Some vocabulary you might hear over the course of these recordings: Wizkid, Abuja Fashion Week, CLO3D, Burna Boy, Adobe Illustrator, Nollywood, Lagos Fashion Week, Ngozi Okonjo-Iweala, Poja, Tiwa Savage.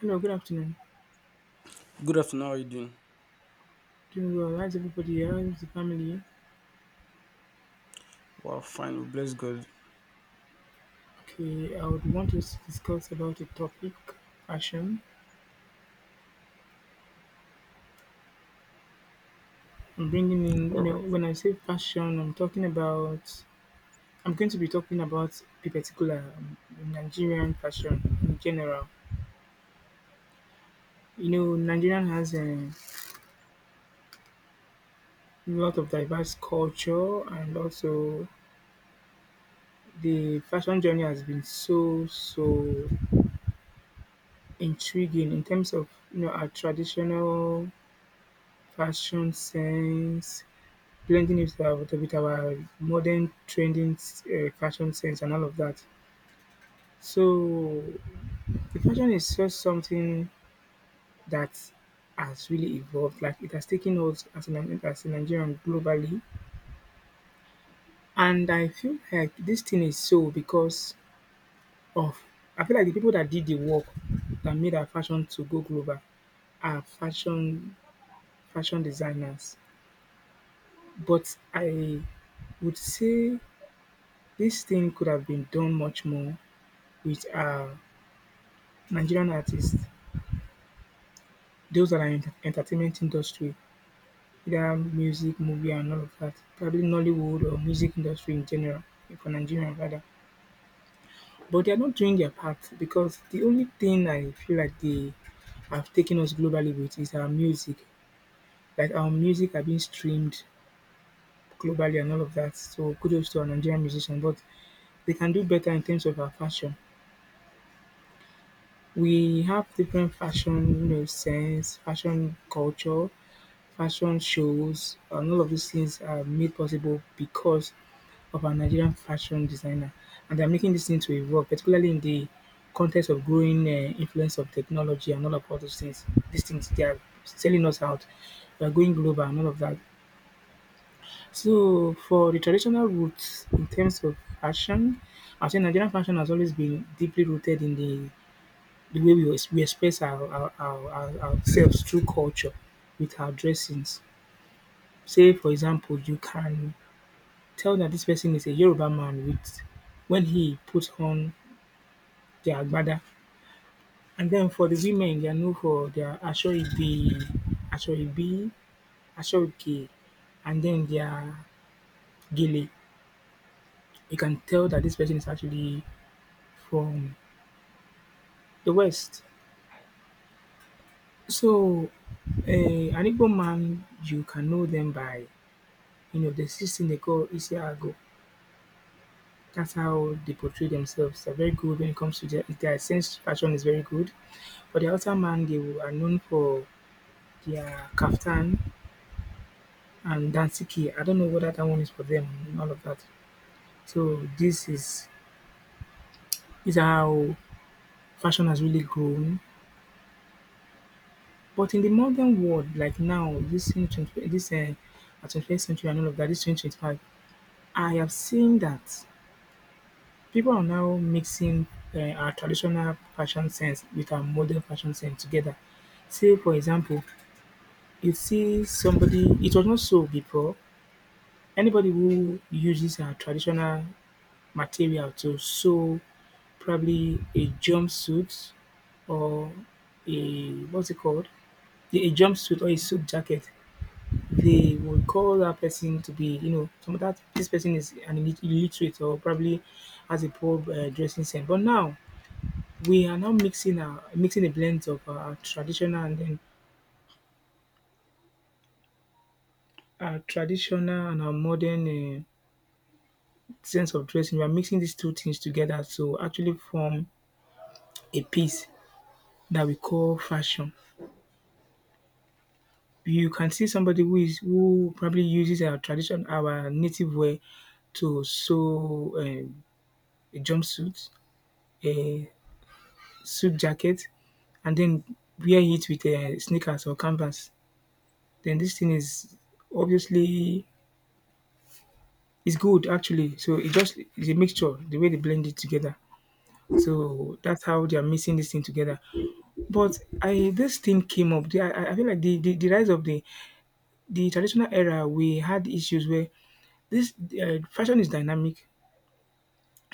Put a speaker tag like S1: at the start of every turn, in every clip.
S1: Hello, good afternoon.
S2: Good afternoon, how are you doing?
S1: Doing well. How's everybody? How's the family?
S2: Wow, fine, we bless God.
S1: Okay, I would want to discuss about the topic, fashion. I'm bringing in,
S2: All right.
S1: when I say fashion, I'm going to be talking about a particular Nigerian fashion in general. You know, Nigerian has a lot of diverse culture, and also the fashion journey has been so, so intriguing in terms of, our traditional fashion sense plenty news about, with our modern trending fashion sense and all of that. So the fashion is just something that has really evolved. Like it has taken hold as a Nigerian globally, and I feel like this thing is so because of. I feel like the people that did the work that made our fashion to go global are fashion designers. But I would say this thing could have been done much more with Nigerian artists, those that are in the entertainment industry, either music, movie, and all of that, probably Nollywood or music industry in general, for Nigerian rather. But they are not doing their part because the only thing I feel like they have taken us globally with is our music. Like our music are being streamed globally and all of that. So kudos to our Nigerian musicians, but they can do better in terms of our fashion. We have different fashion, sense, fashion culture, fashion shows, and all of these things are made possible because of our Nigerian fashion designer. And they're making this thing to evolve, particularly in the context of growing influence of technology and all those things. These things they are selling us out. We are going global and all of that. So for the traditional roots in terms of fashion, I think Nigerian fashion has always been deeply rooted in the way we, we express ourselves through culture with our dressings. Say, for example, you can tell that this person is a Yoruba man with when he puts on the agbada, and then for the women, they are known for their ashoibi, ashoke, and then their gele. You can tell that this person is actually from the West. So, an Igbo man, you can know them by, there's this thing they call Isiago. That's how they portray themselves. They're very good when it comes to their sense. Fashion is very good. For the outer man, they are known for their kaftan and dansiki. I don't know whether that one is for them and all of that. So this is how fashion has really grown. But in the modern world, like now, this in 20, this at 21st century and all of that, this 2025, I have seen that people are now mixing our traditional fashion sense with our modern fashion sense together. Say, for example, you see somebody, it was not so before. Anybody who uses our traditional material to sew probably a jumpsuit, or a what's it called? A jumpsuit or a suit jacket, they would call that person to be, some of that this person is an illiterate or probably has a poor dressing sense. But now we are now mixing a blend of our traditional and then our traditional and our modern sense of dressing. We are mixing these two things together to actually form a piece that we call fashion. You can see somebody who probably uses our tradition, our native wear to sew a jumpsuit, a suit jacket, and then wear it with a sneakers or canvas. Then this thing is obviously, it's good actually. So it just is a mixture the way they blend it together. So that's how they are mixing this thing together. But I this thing came up. I feel like the rise of the traditional era, we had issues where this fashion is dynamic.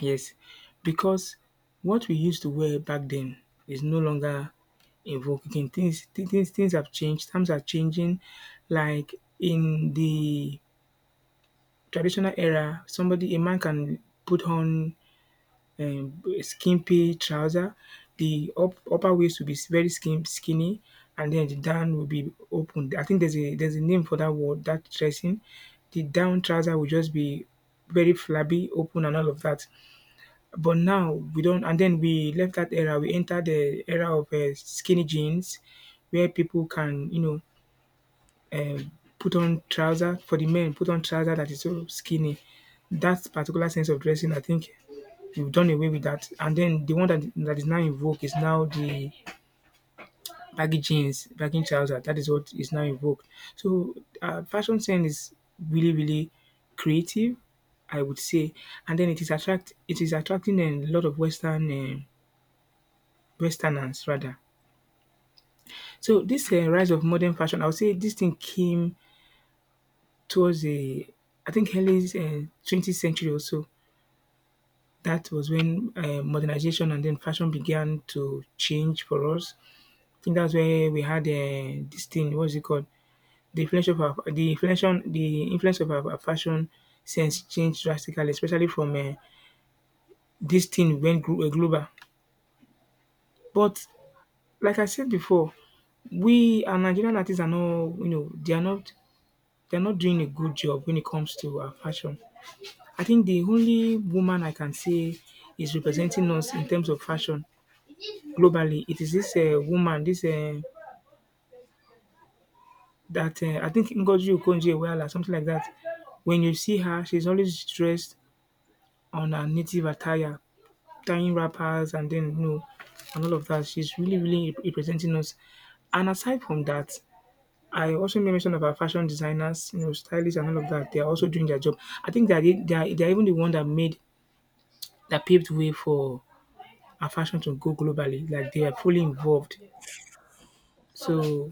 S1: Yes, because what we used to wear back then is no longer invoking things. Things have changed, times are changing. Like in the traditional era, somebody a man can put on skimpy trouser. The upper waist will be very skinny, and then the down will be open. I think there's a name for that word, that dressing. The down trouser will just be very flabby, open, and all of that. But now we don't. And then we left that era. We entered the era of skinny jeans, where people can, um, put on trouser for the men, put on trouser that is so skinny. That particular sense of dressing, I think, you've done away with that. And then the one that is now in vogue is now the baggy jeans, baggy trousers. That is what is now in vogue. So fashion sense is really, really creative, I would say. And then it is attracting a lot of Westerners rather. So this rise of modern fashion, I would say this thing came towards the, I think, early 20th century or so. That was when modernization and then fashion began to change for us. I think that's where we had this thing. What's it called? The influence of our, the influence of our fashion sense changed drastically, especially from this thing went global. But like I said before, we our Nigerian artists are not, they are not, doing a good job when it comes to our fashion. I think the only woman I can say is representing us in terms of fashion globally. It is this woman, this that I think, Ngozi Okonjo-Iweala, something like that. When you see her, she's always dressed on her native attire, tying wrappers, and then, and all of that. She's really, really representing us. And aside from that, I also made mention of our fashion designers, stylists and all of that. They are also doing their job. I think they are, even the one that made that paved way for our fashion to go globally. Like they are fully involved. So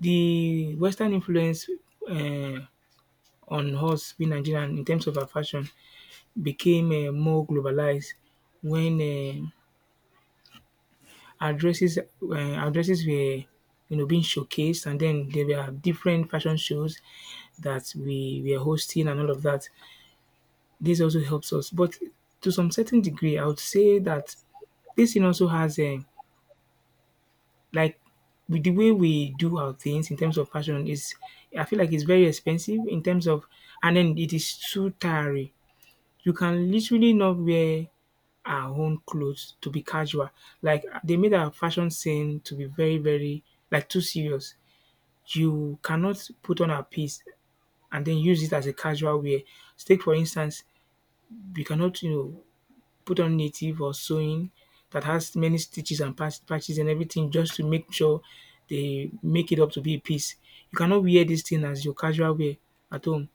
S1: the Western influence uh, on us being Nigerian in terms of our fashion became more globalized when addresses were, you know, being showcased, and then there were different fashion shows that we were hosting and all of that. This also helps us, but to some certain degree, I would say that this thing also has a, like, with the way we do our things in terms of fashion is, I feel like it's very expensive in terms of, and then it is too tiring. You can literally not wear our own clothes to be casual. Like they made our fashion scene to be very, very, like, too serious. You cannot put on a piece and then use it as a casual wear. Take for instance, you cannot, put on native or sewing that has many stitches and patches and everything just to make sure they make it up to be a piece. You cannot wear this thing as your casual wear at home.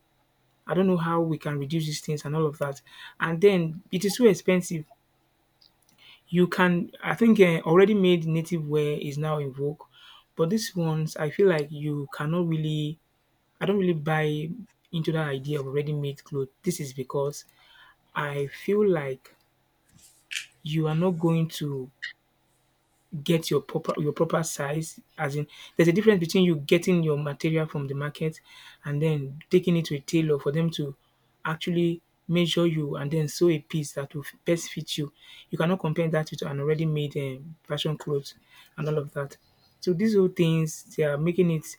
S1: I don't know how we can reduce these things and all of that. And then it is so expensive. You can, I think, already made native wear is now in vogue, but these ones I feel like you cannot really, I don't really buy into that idea of ready-made clothes. This is because I feel like you are not going to get your proper, your proper size, as in there's a difference between you getting your material from the market and then taking it to a tailor for them to actually measure you and then sew a piece that will best fit you. You cannot compare that with an already made fashion clothes and all of that. So these whole things they are making it,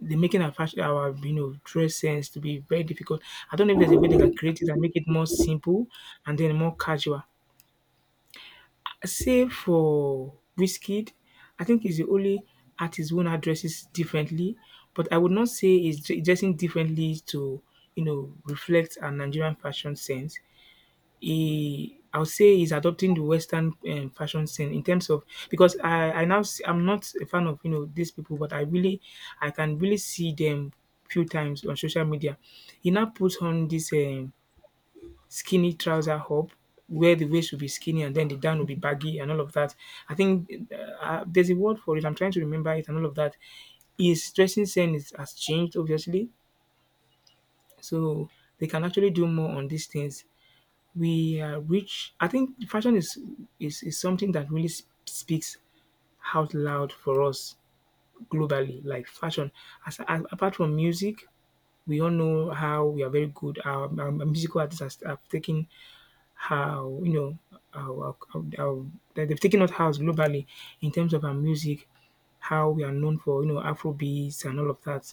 S1: they're making our fashion, our, dress sense to be very difficult. I don't know if there's a way they can create it and make it more simple and then more casual. Save for Wizkid, I think he's the only artist one dresses differently, but I would not say he's dressing differently to, you know, reflect a Nigerian fashion sense. He, I would say he's adopting the Western fashion sense in terms of because I now see, I'm not a fan of these people, but I can really see them few times on social media. He now puts on this skinny trouser up where the waist will be skinny and then the down will be baggy and all of that. I think there's a word for it. I'm trying to remember it and all of that. His dressing sense has changed, obviously. So they can actually do more on these things. We are rich. I think fashion is something that really speaks out loud for us globally, like fashion. Apart from music, we all know how we are very good. Our musical artists have taken how you know how that they've taken us house globally in terms of our music, how we are known for Afro beats and all of that.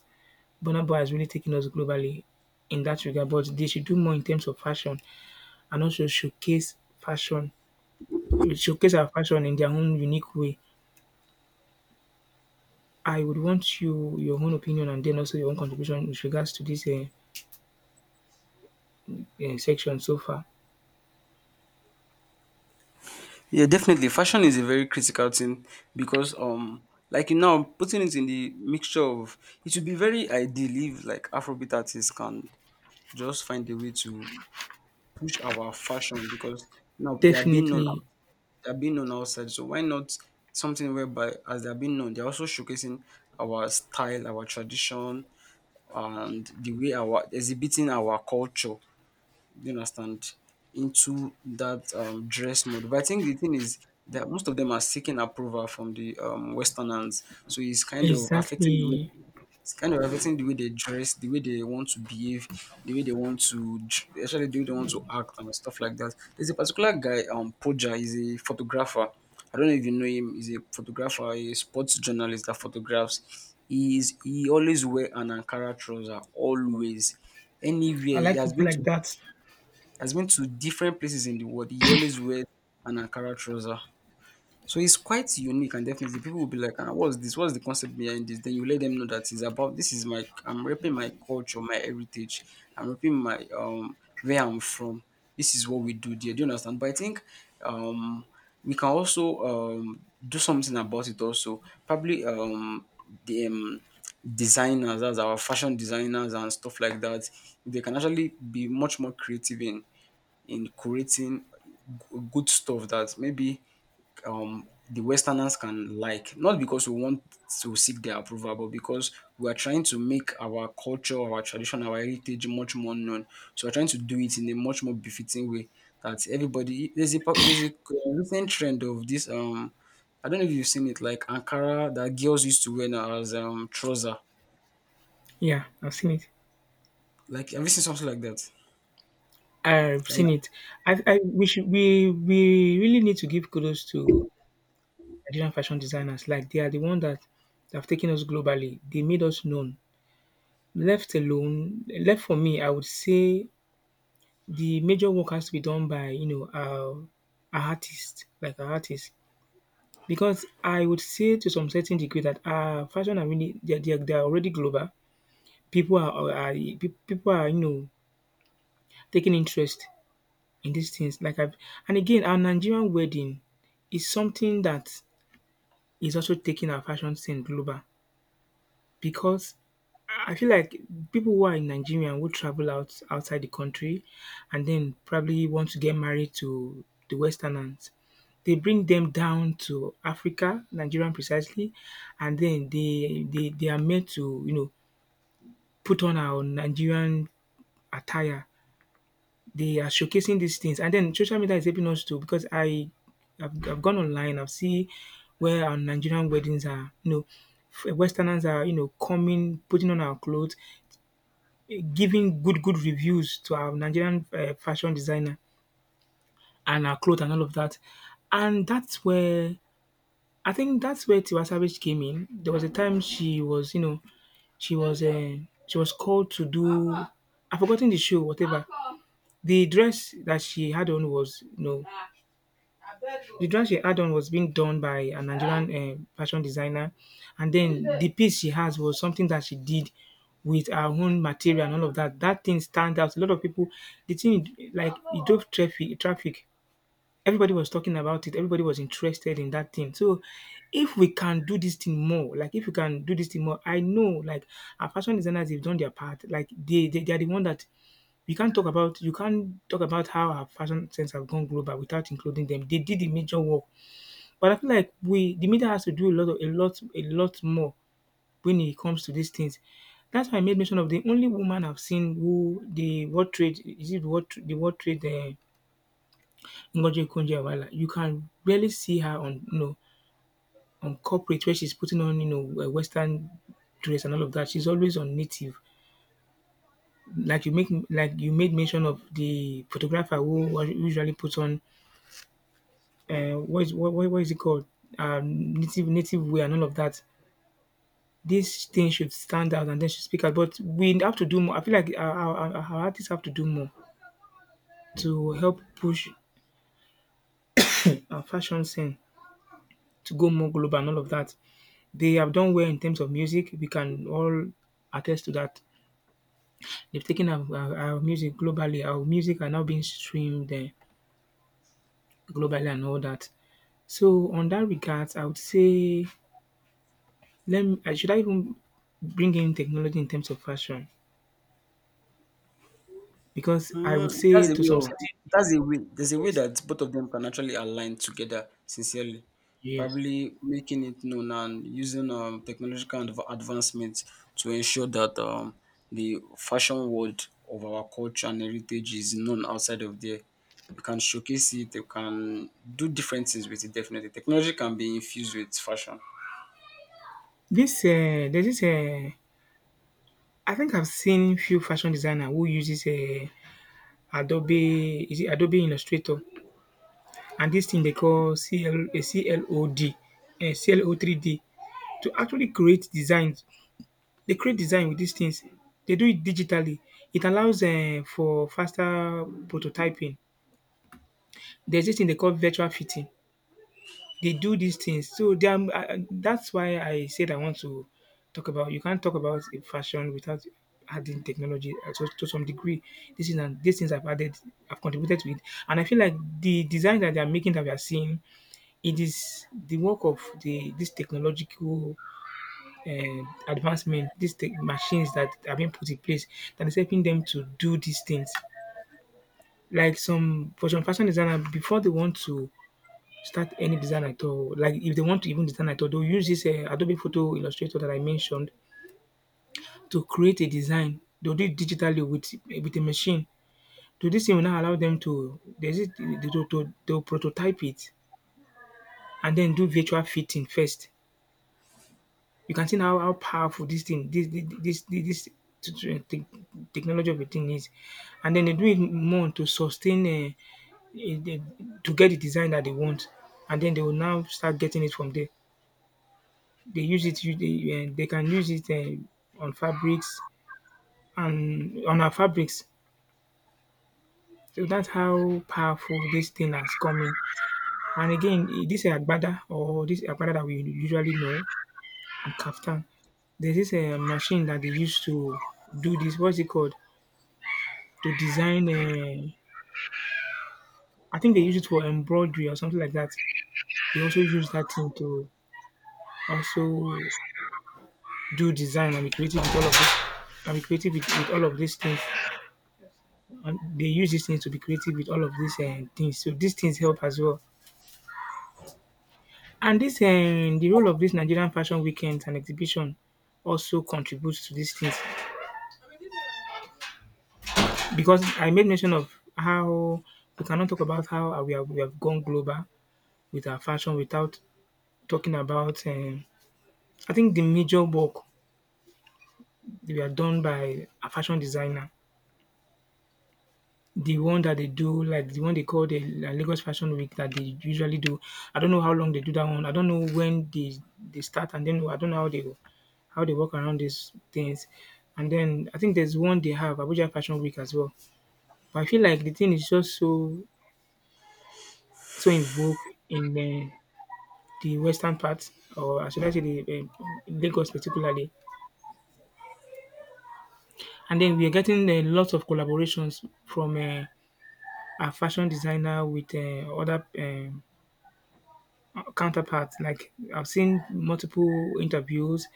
S1: Burna Boy has really taken us globally in that regard, but they should do more in terms of fashion and also showcase fashion, showcase our fashion in their own unique way. I would want you your own opinion and then also your own contribution with regards to this section so far.
S2: Yeah, definitely. Fashion is a very critical thing because like you know, putting it in the mixture of it would be very ideal if like Afrobeat artists can just find a way to push our fashion because now they are being known,
S1: Definitely,
S2: they are being known outside. So why not something whereby as they are being known, they're also showcasing our style, our tradition and the way our exhibiting our culture. Do you understand? Into that dress mode. But I think the thing is that most of them are seeking approval from the Westerners, so it's kind of affecting the way
S1: exactly.
S2: it's kind of affecting the way they dress, the way they want to behave, the way they want to actually the way they want to act and stuff like that. There's a particular guy, Poja, is a photographer. I don't know if you know him. He's a photographer, a sports journalist that photographs. He always wear an Ankara trouser always anywhere
S1: I
S2: he
S1: like
S2: has
S1: people
S2: been
S1: like
S2: to,
S1: that.
S2: has been to different places in the world, he always wears an Ankara trouser. So it's quite unique and definitely people will be like, ah, what's this? What's the concept behind this? Then you let them know that it's about this is my, I'm repping my culture, my heritage, I'm repping my where I'm from. This is what we do there. Do you understand? But I think um we can also do something about it also. Probably the designers, as our fashion designers and stuff like that, they can actually be much more creative in creating good stuff that maybe the Westerners can like. Not because we want to seek their approval, but because we are trying to make our culture, our tradition, our heritage much more known. So we're trying to do it in a much more befitting way that everybody. There's a recent trend of this. I don't know if you've seen it, like Ankara that girls used to wear now as trouser.
S1: Yeah, I've seen it.
S2: Like, have you seen something like that?
S1: I've
S2: Like,
S1: seen it. I we should we really need to give kudos to Nigerian fashion designers. Like they are the one that have taken us globally. They made us known. Left alone, left for me, I would say the major work has to be done by our artists, like our artists, because I would say to some certain degree that our fashion are really they are already global. People are taking interest in these things. Like I've, and again, our Nigerian wedding is something that is also taking our fashion scene global because I feel like people who are in Nigeria and who travel outside the country and then probably want to get married to the Westerners, they bring them down to Africa, Nigerian precisely, and then they are made to, put on our Nigerian attire, they are showcasing these things. And then social media is helping us too because I've gone online, I've seen where our Nigerian weddings are, Westerners are, coming, putting on our clothes, giving good, good reviews to our Nigerian fashion designer and our clothes and all of that. And that's where, I think that's where Tiwa Savage came in. There was a time she was, you know, she was, uh, she was called to do, I've forgotten the show, whatever. The dress that she had on was, you know, The dress she had on was being done by a Nigerian fashion designer, and then the piece she has was something that she did with her own material and all of that. That thing stand out. A lot of people, the thing, like it drove traffic. Traffic. Everybody was talking about it. Everybody was interested in that thing. So, if we can do this thing more, like if we can do this thing more, I know, like our fashion designers have done their part. Like they are the one that we can't talk about. You can't talk about how our fashion sense have gone global without including them. They did the major work, but I feel like we, the media, has to do a lot of a lot more when it comes to these things. That's why I made mention of the only woman I've seen who the World Trade, is it what, the World Trade, Ngozi Okonjo-Iweala. You can barely see her on on corporate where she's putting on a Western dress and all of that. She's always on native. Like you made mention of the photographer who usually puts on what is, what is it called, native wear and all of that. This thing should stand out and then should speak out, but we have to do more. I feel like our artists have to do more to help push our fashion scene to go more global and all of that. They have done well in terms of music. We can all attest to that. They've taken our music globally. Our music are now being streamed globally and all that. So on that regard, I would say, should I even bring in technology in terms of fashion? Because I
S2: mm,
S1: would say
S2: that's a
S1: to
S2: way
S1: some
S2: of,
S1: certain,
S2: that's a way there's a way
S1: yes,
S2: that both of them can actually align together sincerely,
S1: yes.
S2: probably making it known and using technological advancements to ensure that the fashion world of our culture and heritage is known outside of there. You can showcase it, you can do different things with it. Definitely technology can be infused with fashion.
S1: This There's this, I think I've seen few fashion designer who uses Adobe, is it Adobe Illustrator, and this thing they call CL CLOD um CLO3D to actually create designs. They create design with these things. They do it digitally. It allows for faster prototyping. There's this thing they call virtual fitting. They do these things. So, they are that's why I said I want to talk about, you can't talk about a fashion without adding technology, to some degree. This is and these things I've added, I've contributed to it. And I feel like the design that they're making that we are seeing, it is the work of the this technological advancement, these machines that are being put in place that is helping them to do these things. Like some fashion designer, before they want to start any design at all. Like if they want to even design at all, they'll use this Adobe Photo Illustrator that I mentioned to create a design. They'll do it digitally with a machine. So this thing will now allow them to, there's it they'll prototype it and then do virtual fitting first. You can see now how powerful this thing this this this, this te- technology of a thing is, and then they do it more to sustain, eh, eh, to get the design that they want, and then they will now start getting it from there. They use it. They can use it on fabrics and on our fabrics. So that's how powerful this thing has come in. And again, this agbada, or this agbada that we usually know, and kaftan, there's this machine that they use to do this. What's it called? To design. I think they use it for embroidery or something like that. They also use that thing to also do design and be creative with all of this. And be creative with, all of these things. And they use these things to be creative with all of these things. So these things help as well. And this The role of this Nigerian fashion weekends and exhibition also contributes to these things because I made mention of how we cannot talk about how we have gone global with our fashion without talking about. I think the major work we are done by a fashion designer. The one that they do, like the one they call the La Lagos Fashion Week that they usually do. I don't know how long they do that one. I don't know when they start, and then I don't know how they work around these things. And then I think there's one they have, Abuja Fashion Week as well. But I feel like the thing is just so in vogue in the western part, or should I say the Lagos particularly. And then we are getting a lot of collaborations from a fashion designer with other counterparts. Like I've seen multiple interviews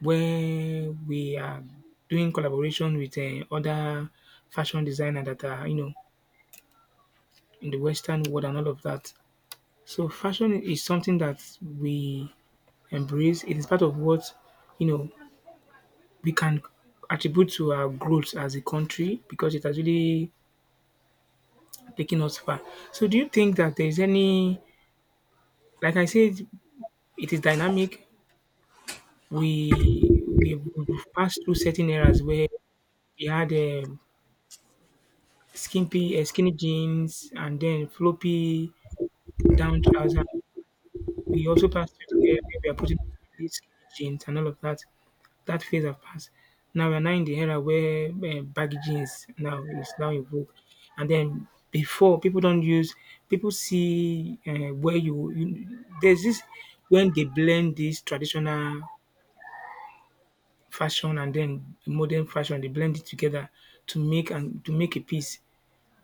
S1: where we are doing collaboration with other fashion designer that are in the Western world and all of that. So fashion is something that we embrace. It is part of what you know we can attribute to our growth as a country because it has really taken us far. So do you think that there is any, like I said, it is dynamic. We've passed through certain eras where we had skimpy, skinny jeans and then floppy down trousers. We also passed through the era where we are putting really skinny jeans and all of that. That phase have passed. Now we are now in the era where baggy jeans now is now in vogue, and then before, people don't use, people see where you, there's this when they blend these traditional fashion and then modern fashion. They blend it together to make a piece.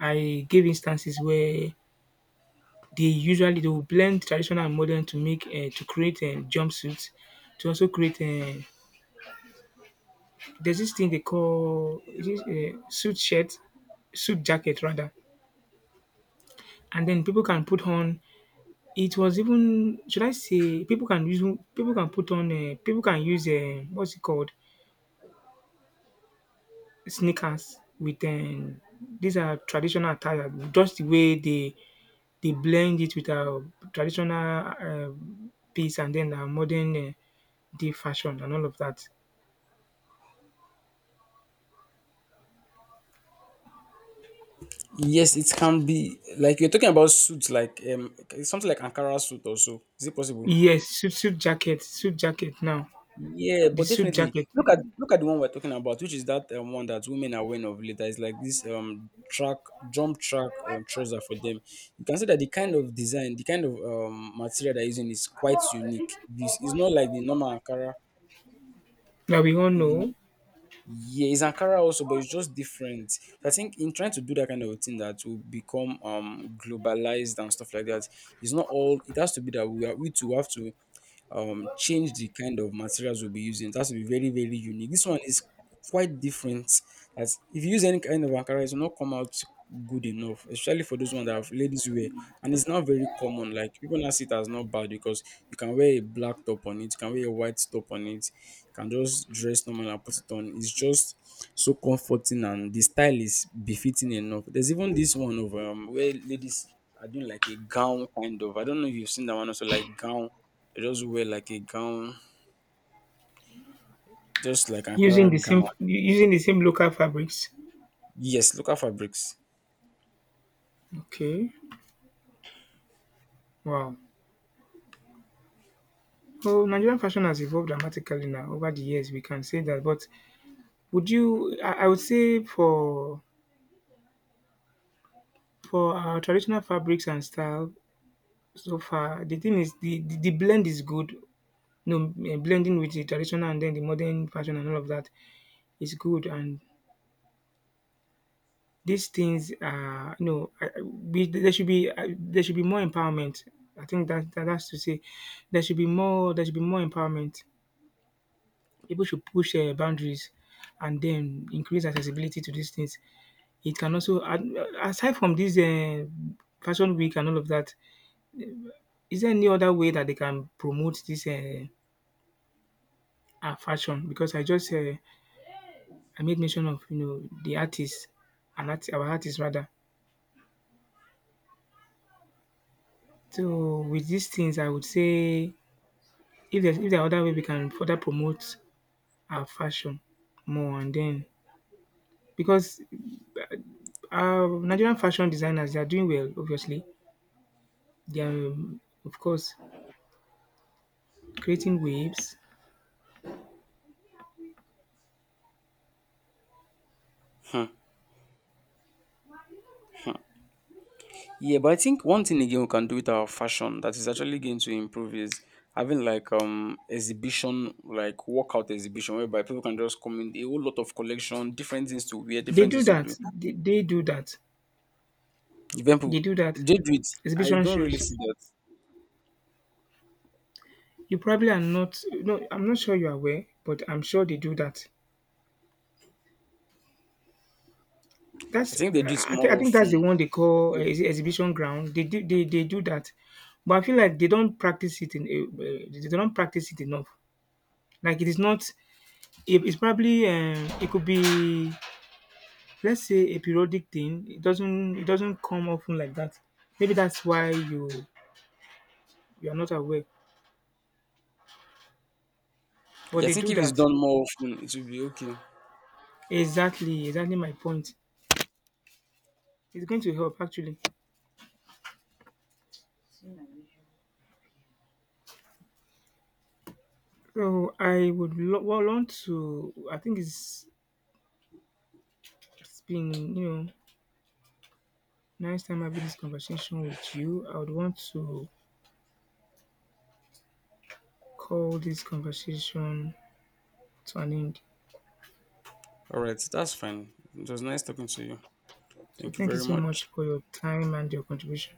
S1: I gave instances where they will blend traditional and modern to create a jumpsuit, to also create a, there's this thing they call, is it, suit shirt, suit jacket rather, and then people can put on. It was even, should I say, people can use, people can put on, people can use, what's it called, sneakers with these are traditional attire, just the way they blend it with our traditional piece and then our modern day fashion and all of that.
S2: Yes, it can be. Like you're talking about suits, like something like Ankara suit, also, is it possible?
S1: Yes, suit, suit jacket now.
S2: Yeah,
S1: The
S2: but
S1: suit
S2: definitely
S1: jacket
S2: look at the one we're talking about, which is that one that women are wearing of later. It's like this track jump track trouser for them. You can see that the kind of design, the kind of material they're using is quite unique. This is not like the normal Ankara.
S1: that we all
S2: If
S1: know,
S2: you, yeah, it's Ankara also, but it's just different. So I think in trying to do that kind of a thing that will become globalized and stuff like that, it's not all. It has to be that we are, we too have to change the kind of materials we'll be using. It has to be very, very unique. This one is quite different. As if you use any kind of Ankara, it will not come out good enough, especially for those ones that have ladies wear. And it's not very common. Like people now see it as not bad because you can wear a black top on it, you can wear a white top on it, you can just dress normal and put it on. It's just so comforting and the style is befitting enough. There's even this one of where ladies are doing like a gown kind of. I don't know if you've seen that one also, like gown, they just wear like a gown, just like Ankara gown.
S1: using the same local fabrics.
S2: Yes, local fabrics.
S1: Okay. Wow. Well, Nigerian fashion has evolved dramatically now over the years. We can say that, but would you? I would say for our traditional fabrics and style, so far the thing is, the blend is good. No, blending with the traditional and then the modern fashion and all of that is good, and these things are, we there should be more empowerment. I think that that's to say there should be more empowerment. People should push boundaries and then increase accessibility to these things. It can also and aside from this fashion week and all of that, is there any other way that they can promote this our fashion? Because I just, I made mention of the artists, and art our artists rather. So with these things, I would say, if there are other way we can further promote our fashion more, and then because our Nigerian fashion designers, they are doing well obviously. They are, of course, creating waves.
S2: Hmm, hmm. Yeah, but I think one thing again we can do with our fashion that is actually going to improve is having like exhibition, like workout exhibition, whereby people can just come in a whole lot of collection, different things to wear,
S1: They
S2: different
S1: do
S2: things to
S1: that.
S2: do.
S1: They do that.
S2: Even people
S1: They do that.
S2: they do it. I
S1: Exhibition
S2: don't really
S1: shows.
S2: see that.
S1: You probably are not No, I'm not sure you're aware, but I'm sure they do that.
S2: I
S1: That's
S2: think they do it
S1: I think,
S2: more
S1: that's the
S2: often.
S1: one they call ex exhibition ground. They do, they do that, but I feel like they don't practice it in a, they don't practice it enough. Like, it is not it is probably, it could be, let's say, a periodic thing. It doesn't come often like that. Maybe that's why you are not aware, but
S2: Yeah, I
S1: they
S2: think
S1: do
S2: if it's
S1: that.
S2: done more often, it will be okay.
S1: Exactly, exactly my point. It's going to help actually. So I would, want to. I think it's been nice time having this conversation with you. I would want to call this conversation to an end.
S2: All right, that's fine. It was nice talking to you.
S1: So
S2: Thank you
S1: thank you
S2: very
S1: so much
S2: much.
S1: for your time and your contribution.